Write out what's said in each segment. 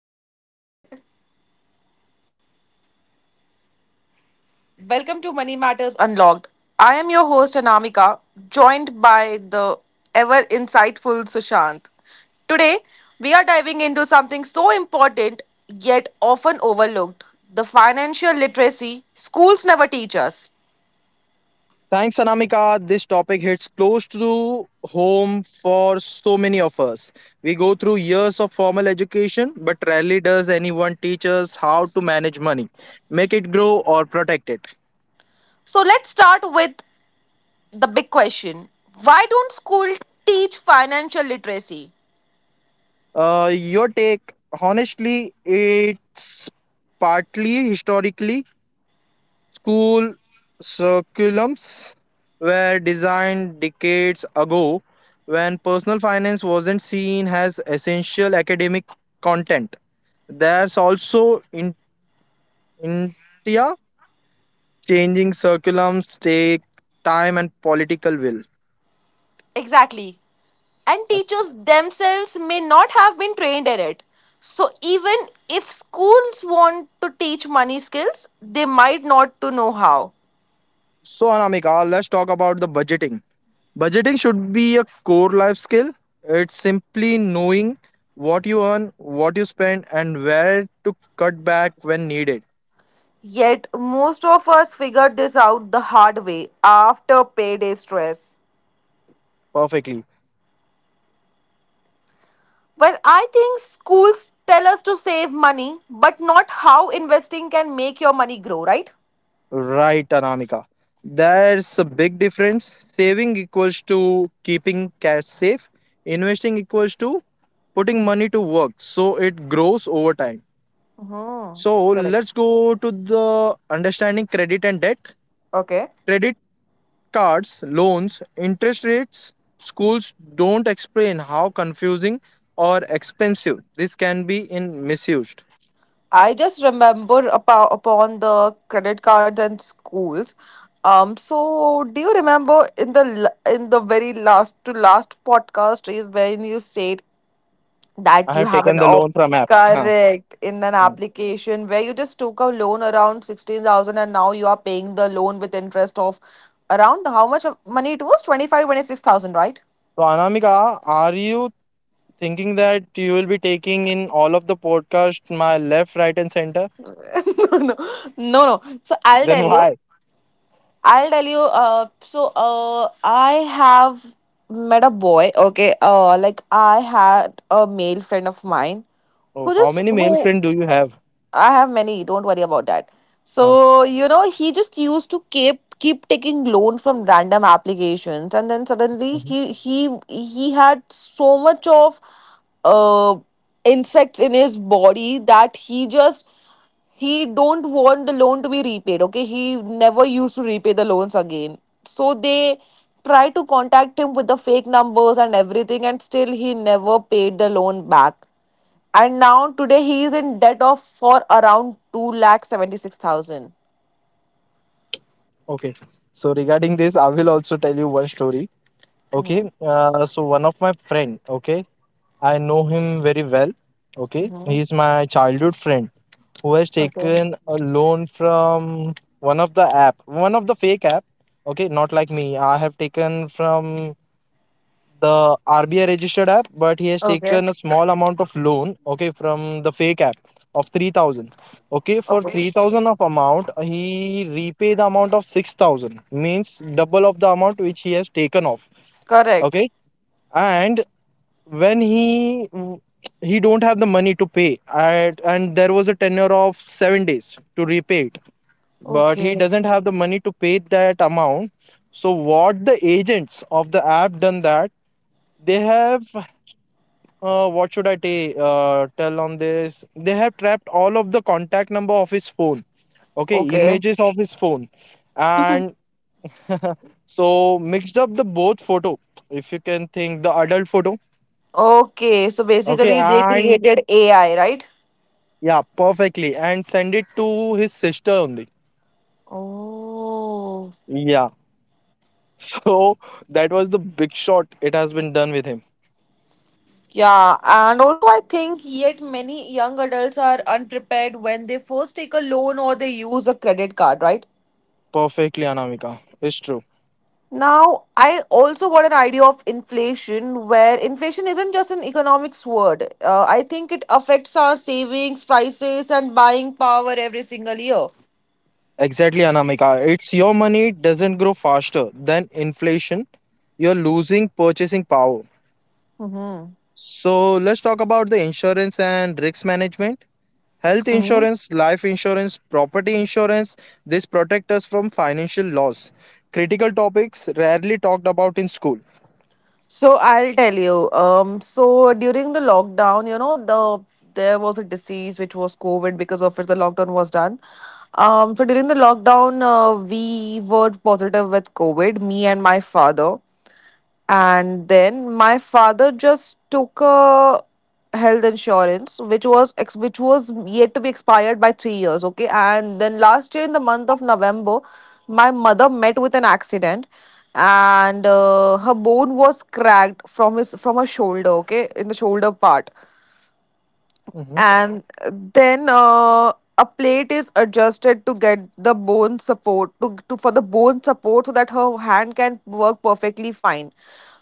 Hello and welcome to Money Matters Unlocked. I am your host Anamika, joined by the ever insightful Sushant. Today, we are diving into something so important yet often overlooked: the financial literacy schools never teach us. Thanks, Anamika. This topic hits close to home for so many of us. We go through years of formal education, but rarely does anyone teach us how to manage money, make it grow, or protect it. So, let's start with the big question: why don't schools teach financial literacy? Your take, honestly, it's partly historically, school curriculums were designed decades ago when personal finance wasn't seen as essential academic content. There's also in India, changing curriculums take time and political will. Exactly. And As- teachers themselves may not have been trained in it. So even if schools want to teach money skills, they might not to know how. So Anamika, let's talk about the budgeting. Budgeting should be a core life skill. It's simply knowing what you earn, what you spend, and where to cut back when needed. Yet most of us figured this out the hard way after payday stress. Perfectly. Well, I think schools tell us to save money, but not how investing can make your money grow, right? Right, Anamika. There's a big difference. Saving equals to keeping cash safe, investing equals to putting money to work so it grows over time. Hmm. So Correct. let's go to the understanding credit and debt. Okay. Credit cards, loans, interest rates, schools don't explain how confusing or expensive this can be in misused. I just remember upon the credit cards and schools. So do you remember in the in the very last to last podcast, is when you said that I you have have taken an the op. loan from app. Huh. Correct. In an So application where you just took a loan around 16,000 and now you are paying the loan with interest of around how much of money, it was 25-26 thousand. Anamika, are you thinking that you will be taking in all of the podcast my left right and center? Right. No, no, no, no. so i'll Then tell you why? I'll tell you. I have met a boy. Okay. Like I had a male friend of mine, Oh, who how just, many male who — friend do you have? I have many. Don't worry about that. Oh. So you know, he just used to keep taking loan from random applications, and then suddenly Mhm. he had so much of uh insects in his body that he don't want the loan to be repaid. Okay, he never used to repay the loans again, so they try to contact him with the fake numbers and everything, and still he never paid the loan back. And now today he is in debt of for around 2,76,000. Okay, so regarding this, I will also tell you one story. Okay. Mm-hmm. So one of my friend, okay, I know him very well. Okay, Mm-hmm. he is my childhood friend who has Okay. taken a loan from one of the app, one of the fake app. Okay, not like me, I have taken from the RBI registered app, but he has Okay. taken a small amount of loan, okay, from the fake app of 3,000. Okay, for 3,000 of amount, he repay the amount of 6,000, means double of the amount which he has taken off. Correct. Okay, and when he don't have the money to pay, and there was a tenure of 7 days to repay it, but he Okay. doesn't have the money to pay that amount. So what the agents of the app done that they have what should I ta- tell on this? They have trapped all of the contact number of his phone, okay, Okay. images of his phone, and so mixed up the both photo, if you can think the adult photo, Okay. So okay, basically, they and created AI, right? yeah, perfectly, and send it to his sister only. Oh, Yeah, so that was the big shot. It has been done with him yeah. And also, I think yet many young adults are unprepared when they first take a loan or they use a credit card, right? perfectly, Anamika. It's true. Now, I also got an idea of inflation, where inflation isn't just an economics word. I think it affects our savings, prices, and buying power every single year. Exactly, Anamika. It's your money doesn't grow faster than inflation. You're losing purchasing power. Mm-hmm. So let's talk about the insurance and risk management. Health Mm-hmm. insurance, life insurance, property insurance, this protect us from financial loss. Critical topics rarely talked about in school. So I'll tell you. So during the lockdown, there was a disease which was COVID, because of which the lockdown was done. So during the lockdown, we were positive with COVID, me and my father. And then my father just took a health insurance which was yet to be expired by 3 years, okay? And then last year in the month of November, my mother met with an accident, and her bone was cracked from her shoulder, okay? In the shoulder part. Hmm. And then a plate is adjusted to get the bone support, to for the bone support, so that her hand can work perfectly fine.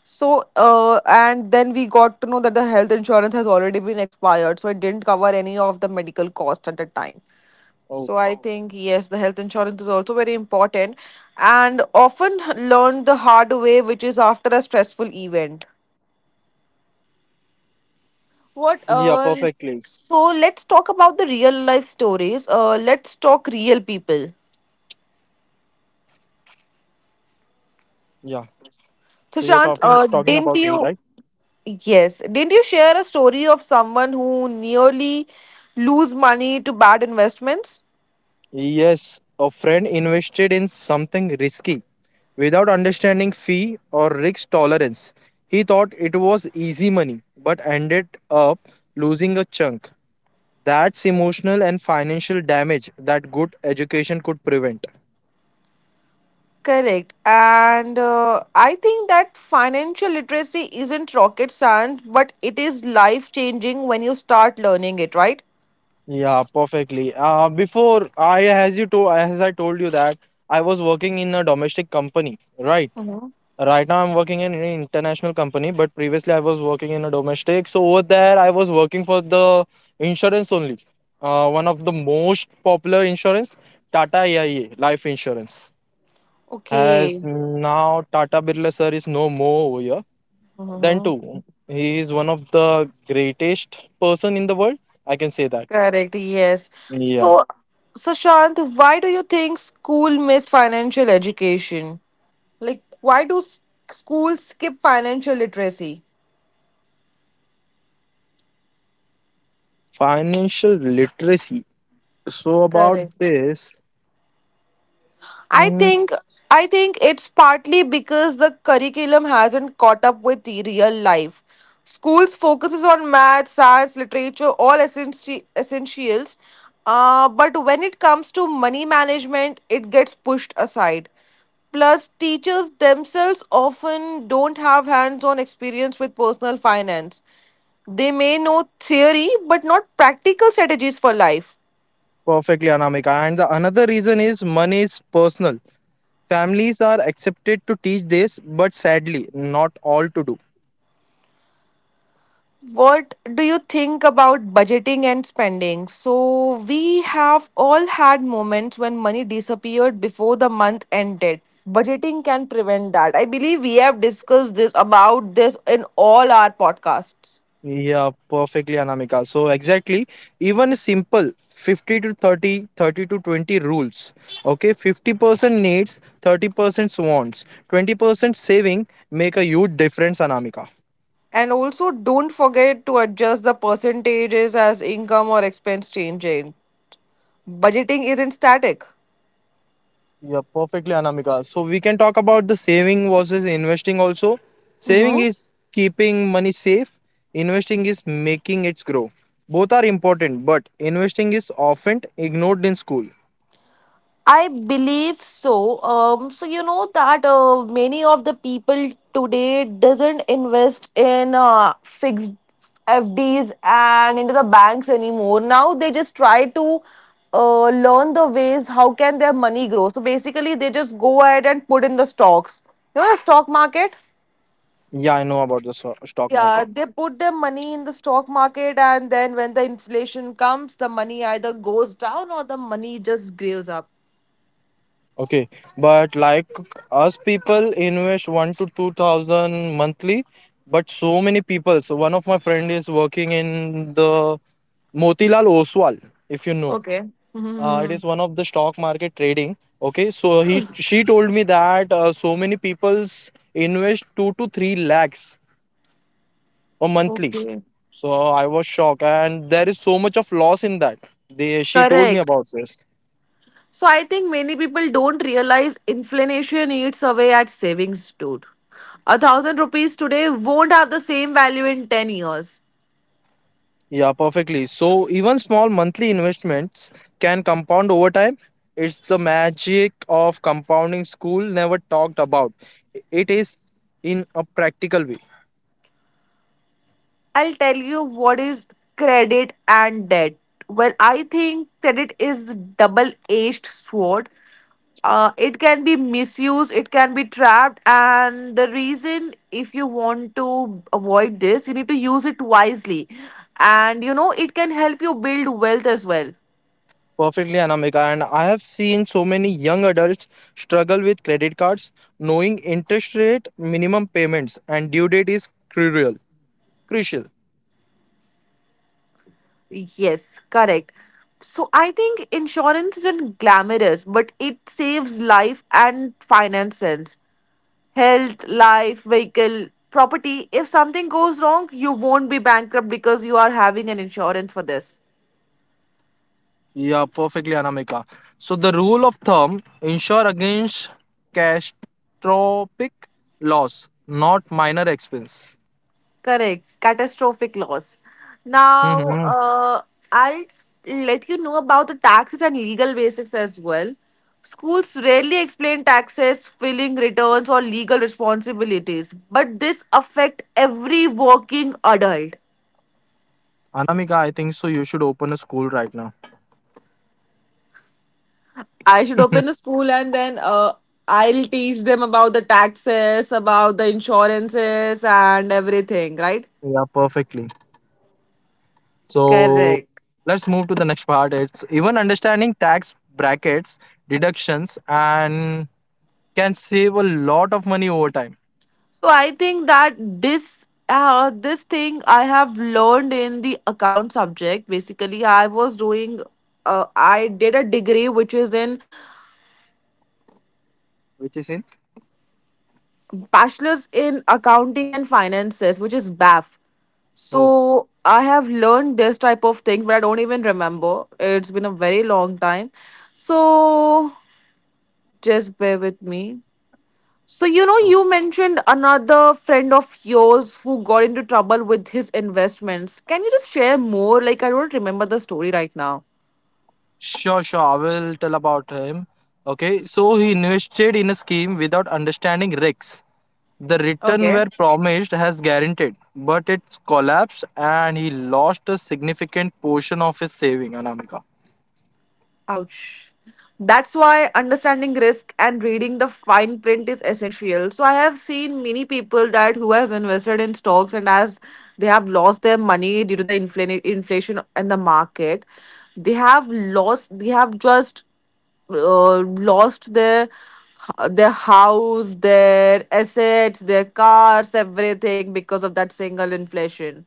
So and then we got to know that the health insurance has already been expired, so it didn't cover any of the medical cost at the time. Oh, So I think, yes, the health insurance is also very important, and often learned the hard way, which is after a stressful event. What? yeah, Uh, perfectly. so let's talk about the real life stories. Let's talk real people. Yeah. So, So you're Sushant, talking talking didn't about me, you? right? Yes, didn't you share a story of someone who nearly lose money to bad investments? Yes, a friend invested in something risky. Without understanding fee or risk tolerance, he thought it was easy money but ended up losing a chunk. That's emotional and financial damage that good education could prevent. Correct. And I think that financial literacy isn't rocket science, but it is life changing when you start learning it, right? Yeah, perfectly. Before I, as I told you that I was working in a domestic company, right? Mm-hmm. Right now, I'm working in an international company, but previously I was working in a domestic. So over there, I was working for the insurance only. One of the most popular insurance, Tata AIA life insurance. As Okay. now Tata Birla sir is no more over here. Then Mm-hmm. too, he is one of the greatest person in the world. I can say that. Correct, yes. Yeah, So, Sushant, why do you think school miss financial education? Like, why do schools skip financial literacy? financial literacy. So about Correct. this, I mm, think it's partly because the curriculum hasn't caught up with the real life. Schools focuses on math, science, literature, all essentials. But when it comes to money management, it gets pushed aside. Plus, teachers themselves often don't have hands on experience with personal finance. They may know theory, but not practical strategies for life. perfectly, Anamika. And the another reason is money is personal. Families are accepted to teach this, but sadly, not all to do. What do you think about budgeting and spending? So, we have all had moments when money disappeared before the month ended. Budgeting can prevent that. I believe we have discussed this about this in all our podcasts. Yeah, perfectly, Anamika. So, exactly, even simple 50 to 30, 30 to 20 rules. Okay, 50% needs, 30% wants, 20% saving make a huge difference, Anamika. And also, don't forget to adjust the percentages as income or expense changes. Budgeting isn't static. Yeah, perfectly, Anamika. So we can talk about the saving versus investing also. Saving is keeping money safe, investing is making it grow. Both are important, but investing is often ignored in school. I believe so. So you know that many of the people today doesn't invest in fixed FDs and into the banks anymore. Now they just try to learn the ways how can their money grow. So basically, they just go ahead and put in the stocks. You know, the stock market. Yeah, I know about the stock Yeah, market. they put their money in the stock market, and then when the inflation comes, the money either goes down or the money just grows up. Okay, but like us people invest one to two thousand monthly, but so many people. So one of my friend is working in the Motilal Oswal, if you know. Okay. It is one of the stock market trading. Okay, so he she told me that so many people's invest 2 to 3 lakhs a monthly. Okay. So I was shocked and there is so much of loss in that. They she told me Correct. about this. So I think many people don't realize inflation eats away at savings, dude. A thousand rupees today won't have the same value in 10 years. Yeah, perfectly. So even small monthly investments can compound over time. It's the magic of compounding school never talked about it is in a practical way. I'll tell you what is credit and debt. Well, I think credit is double-edged sword. It can be misused, it can be trapped, and the reason, if you want to avoid this, you need to use it wisely. And you know, it can help you build wealth as well. Perfectly, Anamika. And I have seen so many young adults struggle with credit cards, knowing interest rate, minimum payments, and due date is crucial. Crucial. Yes, correct. So I think insurance isn't glamorous, but it saves life and finances. Health, life, vehicle, property. If something goes wrong, you won't be bankrupt because you are having an insurance for this. Yeah, perfectly, Anamika. So the rule of thumb: insure against catastrophic loss, not minor expense. Correct. Catastrophic loss. Now, Hmm. I'll let you know about the taxes and legal basics as well. Schools rarely explain taxes, filing returns, or legal responsibilities, but this affect every working adult. Anamika, I think so. You should open a school right now. I should open a school, and then I'll teach them about the taxes, about the insurances, and everything, right? Yeah, perfectly. So Correct. let's move to the next part. It's even understanding tax brackets, deductions, and can save a lot of money over time. So I think that this thing I have learned in the account subject. Basically, I was doing. I did a degree which is in Which is in. bachelor's in accounting and finances, which is BAF. So Oh, I have learned this type of thing, but I don't even remember. It's been a very long time. So just bear with me. So you know, no. you mentioned another friend of yours who got into trouble with his investments. Can you just share more? Like, I don't remember the story right now. Sure, sure. I will tell about him. Okay, so he invested in a scheme without understanding risks. The return Okay. were promised as guaranteed, but it collapsed and he lost a significant portion of his saving, Anamika. Ouch. That's why understanding risk and reading the fine print is essential. So I have seen many people that who has invested in stocks, and as they have lost their money due to the inflation and the market, they have lost. They have just lost their house, their assets, their cars, everything because of that single inflation.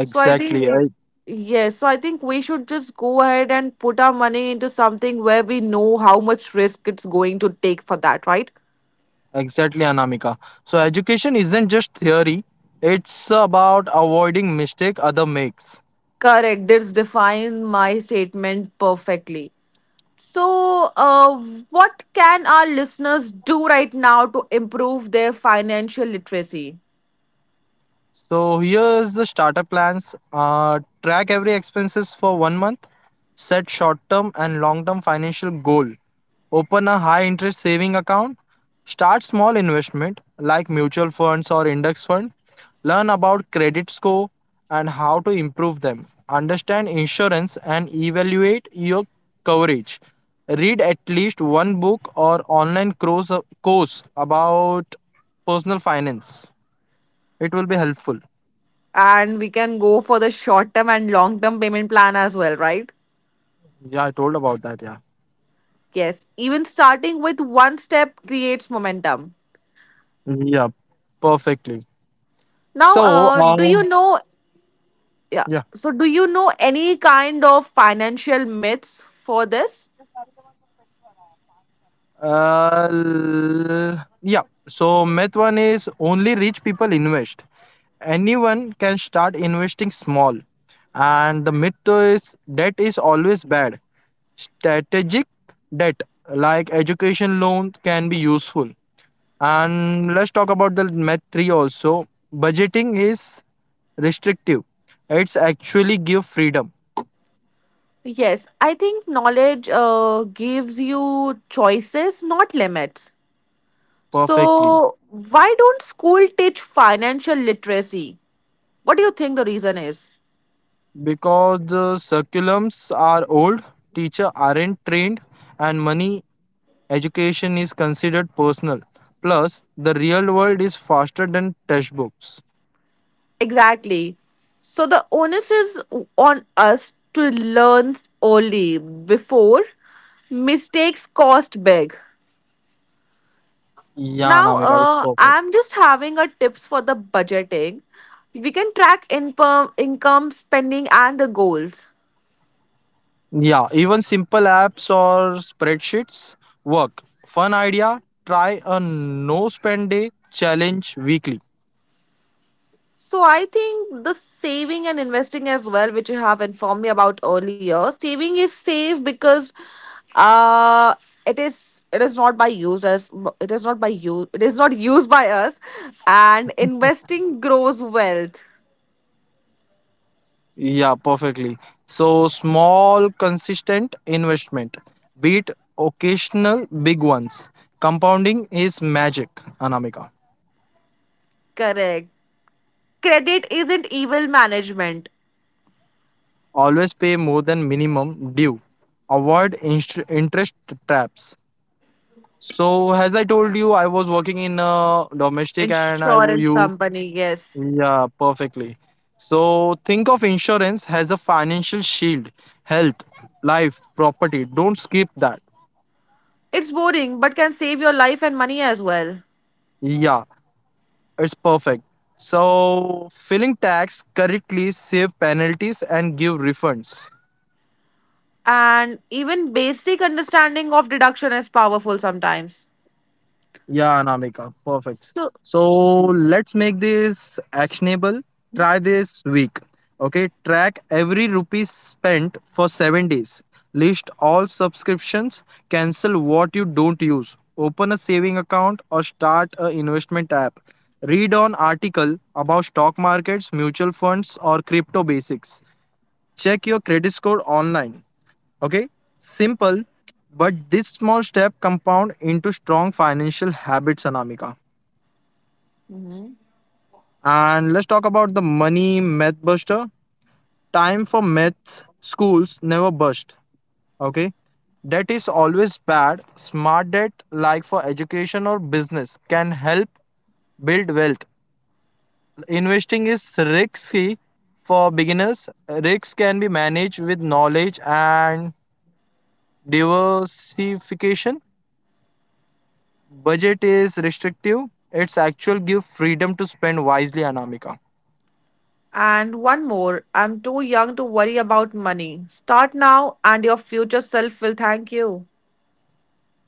So I think, yes, so I think we should just go ahead and put our money into something where we know how much risk it's going to take for that, right? Exactly, Anamika. So education isn't just theory, it's about avoiding mistake other makes. Correct. This defines my statement perfectly. So, what can our listeners do right now to improve their financial literacy? So here's the starter plans. Track every expenses for one month. Set short-term and long-term financial goal. Open a high interest saving account. Start small investment like mutual funds or index fund. Learn about credit score and how to improve them. Understand insurance and evaluate your coverage. Read at least one book or online course about personal finance. It will be helpful. And we can go for the short term and long term payment plan as well, right? Yeah, I told about that. Yeah. Yes. Even starting with one step creates momentum. Yeah, perfectly. Now, So, do you know yeah. yeah. So, do you know any kind of financial myths for this? Yeah. So myth one is only rich people invest. Anyone can start investing small. And the myth two is debt is always bad. Strategic debt like education loan can be useful. And let's talk about the myth three also. Budgeting is restrictive. It's actually give freedom Yes, I think knowledge gives you choices, not limits. perfectly So, why don't school teach financial literacy? What do you think the reason is? because the curriculums are old, teacher aren't trained, and money education is considered personal. Plus, the real world is faster than textbooks. Exactly. So, the onus is on us to learn early before mistakes cost big. Yeah, Now, Namika, it's perfect. I'm just having a tips for the budgeting. We can track income, spending, and the goals. Yeah, even simple apps or spreadsheets work. Fun idea, try a no spend day challenge weekly. So I think the saving and investing as well, which you have informed me about earlier. Saving is safe because uh, it is not by use, as it is not by use, it is not used by us, and investing grows wealth. Yeah, perfectly. So, small, consistent investment, beat occasional big ones. Compounding is magic, Anamika. Correct. Credit isn't evil management. Always pay more than minimum due, avoid interest traps. So as I told you, I was working in domestic and I will Insurance use. company, yes. Yeah, perfectly. So think of insurance as a financial shield: health, life, property, don't skip that. It's boring but can save your life and money as well. Yeah, it's perfect. So filling tax correctly save penalties and give refunds. And even basic understanding of deduction is powerful sometimes. Yeah, Anamika, perfect. So. So let's make this actionable. Try this week. Okay, track every rupee spent for 7 days. List all subscriptions, cancel what you don't use, open a saving account or start an investment app. Read on article about stock markets, mutual funds or crypto basics. Check your credit score online. Okay, simple, but this small step compound into strong financial habits, Anamika. Mhm. And let's talk about the money myth buster. Time for myths, schools never burst. Okay, debt is always bad. Smart debt, like for education or business, can help build wealth. Investing is risky for beginners. Risks can be managed with knowledge and diversification. Budget is restrictive. It's actual give freedom to spend wisely, Anamika. And one more: I'm too young to worry about money. Start now, and your future self will thank you.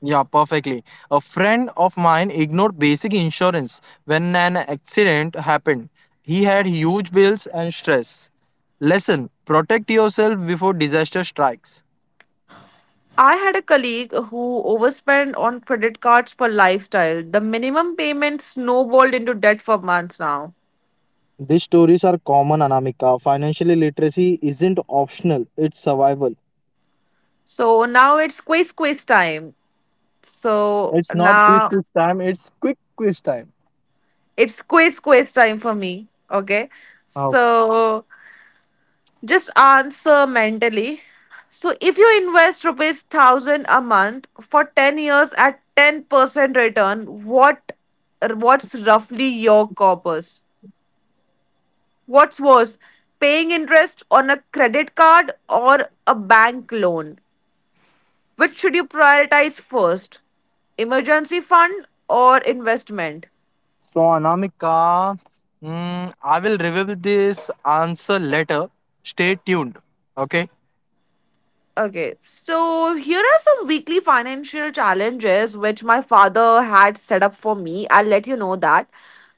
Yeah, perfectly. A friend of mine ignored basic insurance when an accident happened. He had huge bills and stress. Lesson: Protect yourself before disaster strikes. I had a colleague who overspent on credit cards for lifestyle. The minimum payment snowballed into debt for months now. These stories are common, Anamika. Financial literacy isn't optional, it's survival. So now it's quiz quiz time. So It's not quiz now quiz time. It's quick quiz time. it's quiz quiz time for me. Okay. So just answer mentally. So if you invest ₹1,000 a month for 10 years at 10% return, what's roughly your corpus? What's worse? Paying interest on a credit card or a bank loan? Which should you prioritize first? Emergency fund or investment? So, Anamika, I will reveal this answer later. Stay tuned. Okay. Okay, so here are some weekly financial challenges which my father had set up for me. I'll let you know that.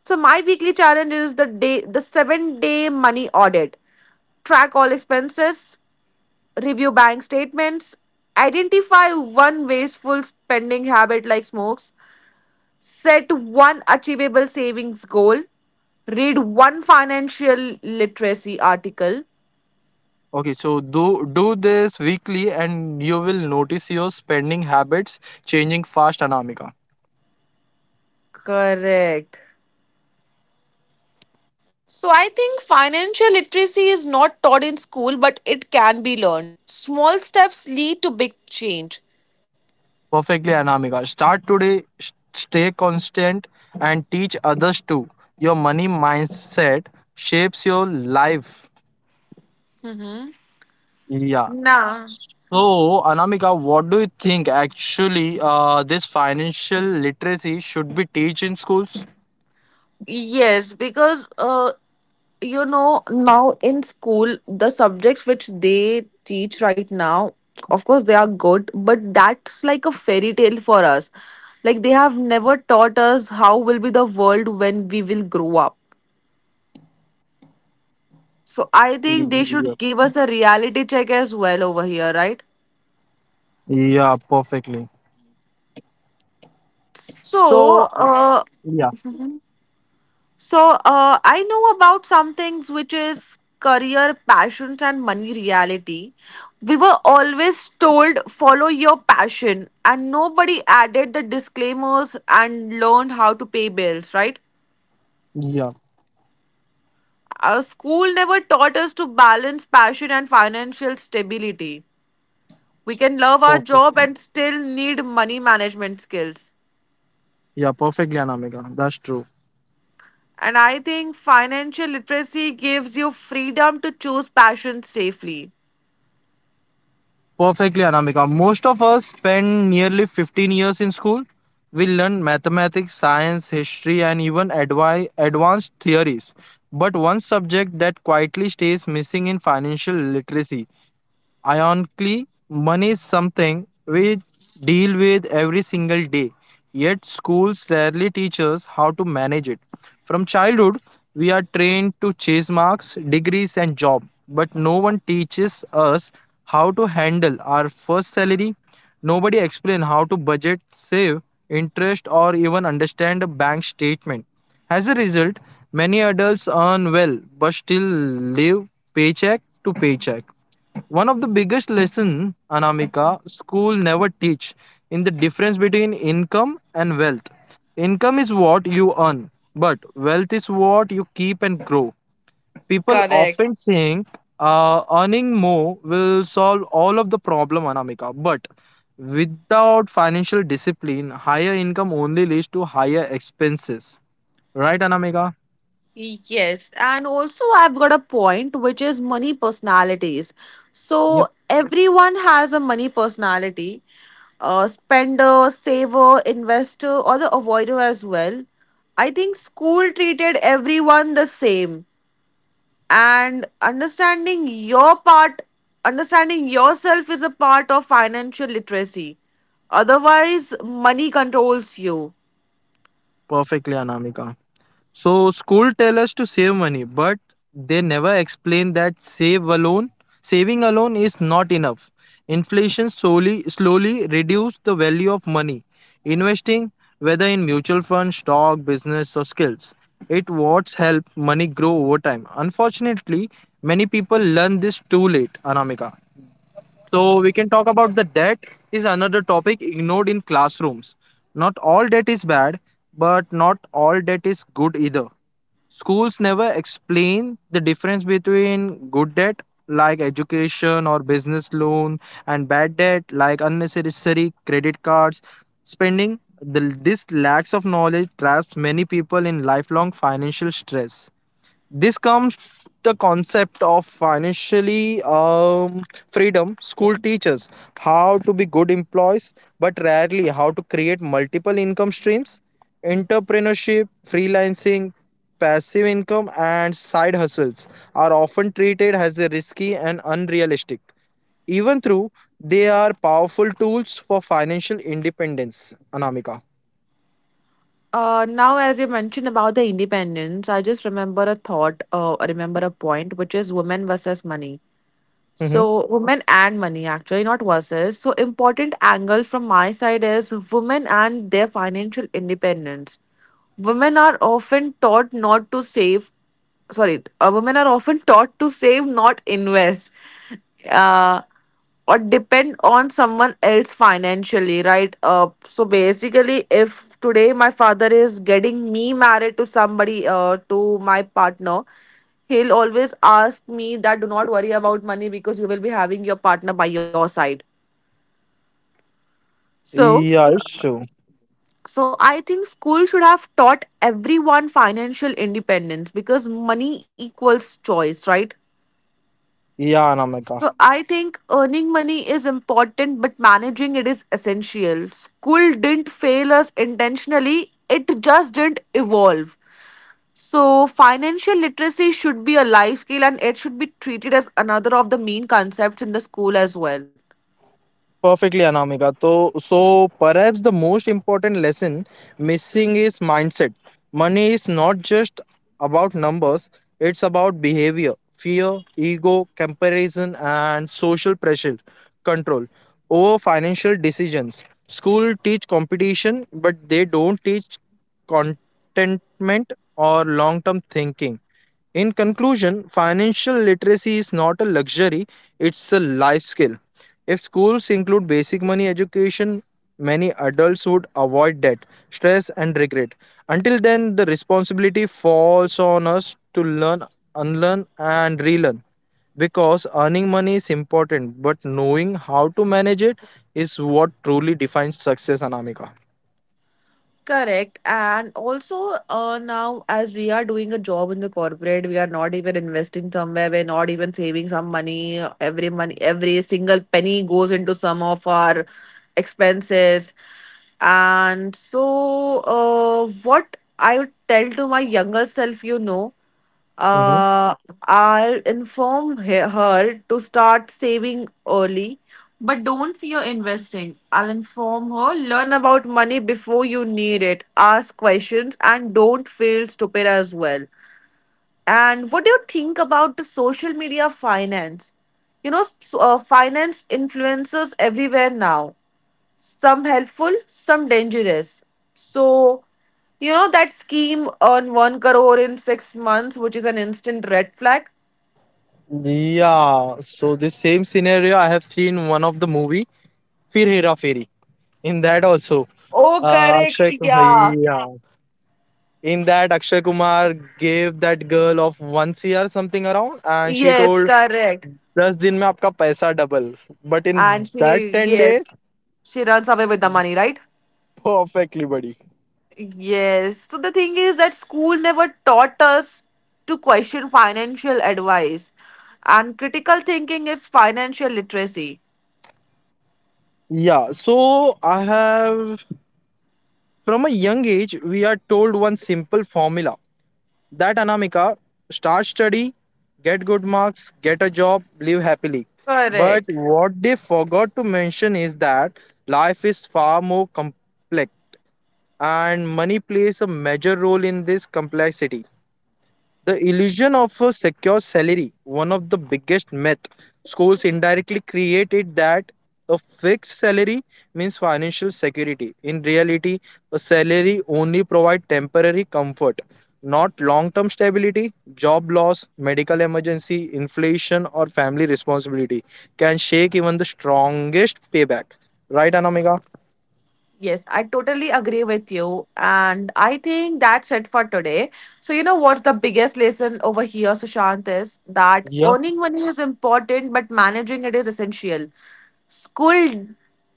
So my weekly challenge is the 7-day money audit. Track all expenses, review bank statements, identify one wasteful spending habit like smokes, set one achievable savings goal, read one financial literacy article. Okay. So, do this weekly, and you will notice your spending habits changing fast, Anamika. Correct. So I think financial literacy is not taught in school, but it can be learned. Small steps lead to big change. Perfectly, Anamika. Start today. Stay constant and teach others too. Your money mindset shapes your life. Mm-hmm. Yeah. Nah. So, Anamika, what do you think actually this financial literacy should be taught in schools? Yes, because now in school, the subjects which they teach right now, of course, they are good, but that's like a fairy tale for us. Like they have never taught us how will be the world when we will grow up. So I think they Yeah, should give us a reality check as well over here, right? yeah, perfectly. So, So, uh, yeah, I know about some things which is career, passions, and money reality. We were always told follow your passion, and nobody added the disclaimers and learned how to pay bills, right? yeah, Our school never taught us to balance passion and financial stability. We can love our job perfectly. and still need money management skills. Yeah, perfectly, Anamika. That's true. And I think financial literacy gives you freedom to choose passions safely. Perfectly, Anamika. Most of us spend nearly 15 years in school. We learn mathematics, science, history, and even advi advanced theories. But one subject that quietly stays missing in financial literacy. Ironically, money is something we deal with every single day, yet schools rarely teach us how to manage it. From childhood, we are trained to chase marks, degrees, and job, but no one teaches us how to handle our first salary. Nobody explains how to budget, save, interest, or even understand a bank statement. As a result, many adults earn well but still live paycheck to paycheck. One of the biggest lesson, Anamika, school never teach in the difference between income and wealth. Income is what you earn, but wealth is what you keep and grow. People Correct. often saying earning more will solve all of the problem, Anamika, but without financial discipline, higher income only leads to higher expenses. Right, Anamika? Yes. And also, I've got a point which is money personalities. Yep, So, everyone has a money personality, a spender, saver, investor, or the avoider as well. I think school treated everyone the same, and understanding yourself is a part of financial literacy, otherwise money controls you. perfectly, Anamika. So school tell us to save money, but they never explain that saving alone is not enough. Inflation slowly slowly reduce the value of money. Investing, whether in mutual funds, stock, business, or skills, it what's help money grow over time. Unfortunately, many people learn this too late, Anamika. So we can talk about the debt is another topic ignored in classrooms. Not all debt is bad, but not all debt is good either. Schools never explain the difference between good debt like education or business loan and bad debt like unnecessary credit cards spending. This lacks of knowledge traps many people in lifelong financial stress. This comes the concept of financially freedom school teaches how to be good employees but rarely how to create multiple income streams, entrepreneurship, freelancing, passive income and side hustles are often treated as a risky and unrealistic, even though they are powerful tools for financial independence, Anamika. Now as you mentioned about the independence, I just remember a thought, I remember a point which is women versus money. Mm-hmm. So women and money actually not versus, so important angle from my side is women and their financial independence. Women are often taught not to save. Sorry, women are often taught to save, not invest, uh, or depend on someone else financially, right? So basically, if today my father is getting me married to somebody, to my partner, he'll always ask me that do not worry about money because you will be having your partner by your side. So. Yeah, it's true. So I think school should have taught everyone financial independence because money equals choice, right? Yeah, Anamika. So I think earning money is important, but managing it is essential. School didn't fail us intentionally, it just didn't evolve. So financial literacy should be a life skill and it should be treated as another of the main concepts in the school as well. Perfectly, Anamika. So perhaps the most important lesson missing is mindset. Money is not just about numbers, it's about behavior, fear, ego, comparison, and social pressure control over financial decisions. School teach competition, but they don't teach contentment or long-term thinking. In conclusion, financial literacy is not a luxury, it's a life skill. If schools include basic money education, many adults would avoid debt, stress, and regret. Until then, the responsibility falls on us to learn, unlearn, and relearn. Because earning money is important, but knowing how to manage it is what truly defines success, Anamika. Correct. And also, now as we are doing a job in the corporate, we are not even investing somewhere. We're not even saving some money. Every money, every single penny goes into some of our expenses. And so, what I would tell to my younger self, you know. Hmm. Uh, I'll inform her to start saving early. But don't fear investing. I'll inform her. Learn about money before you need it. Ask questions and don't feel stupid as well. And what do you think about the social media finance? You know, finance influencers everywhere now, some helpful, some dangerous. So, you know that scheme on 1 crore in 6 months, which is an instant red flag? Yeah, so this same scenario I have seen one of the movie, Fir Hera Fairy. In that also, Oh, correct. Akshay Kumar, Yeah. yeah. In that, Akshay Kumar gave that girl of one year something around, and she Yes, told, correct. दस दिन में आपका पैसा double. But in And that she, 10 day yes, she runs away with the money, right? perfectly buddy. Yes. So the thing is that school never taught us to question financial advice, and critical thinking is financial literacy. Yeah, so I have from a young age we are told one simple formula. That Anamika, start study, get good marks, get a job, live happily. But Correct. what they forgot to mention is that life is far more complex and money plays a major role in this complexity. The illusion of a secure salary, one of the biggest myth schools indirectly created that a fixed salary means financial security. In reality, a salary only provides temporary comfort, not long-term stability. Job loss, medical emergency, inflation, or family responsibility can shake even the strongest payback. Right, Anamika? Yes, I totally agree with you. And I think that's it for today. So, you know what's the biggest lesson over here, Sushant, is that Yeah. earning money is important, but managing it is essential. School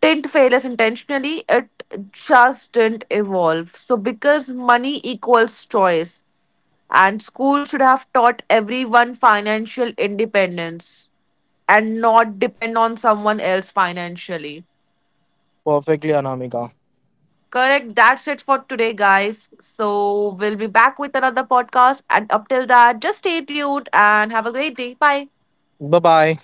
didn't fail us intentionally, it just didn't evolve. So, because money equals choice, and school should have taught everyone financial independence and not depend on someone else financially. Perfectly, Anamika. Correct. That's it for today, guys. So we'll be back with another podcast. And up till that, just stay tuned and have a great day. Bye. Bye-bye.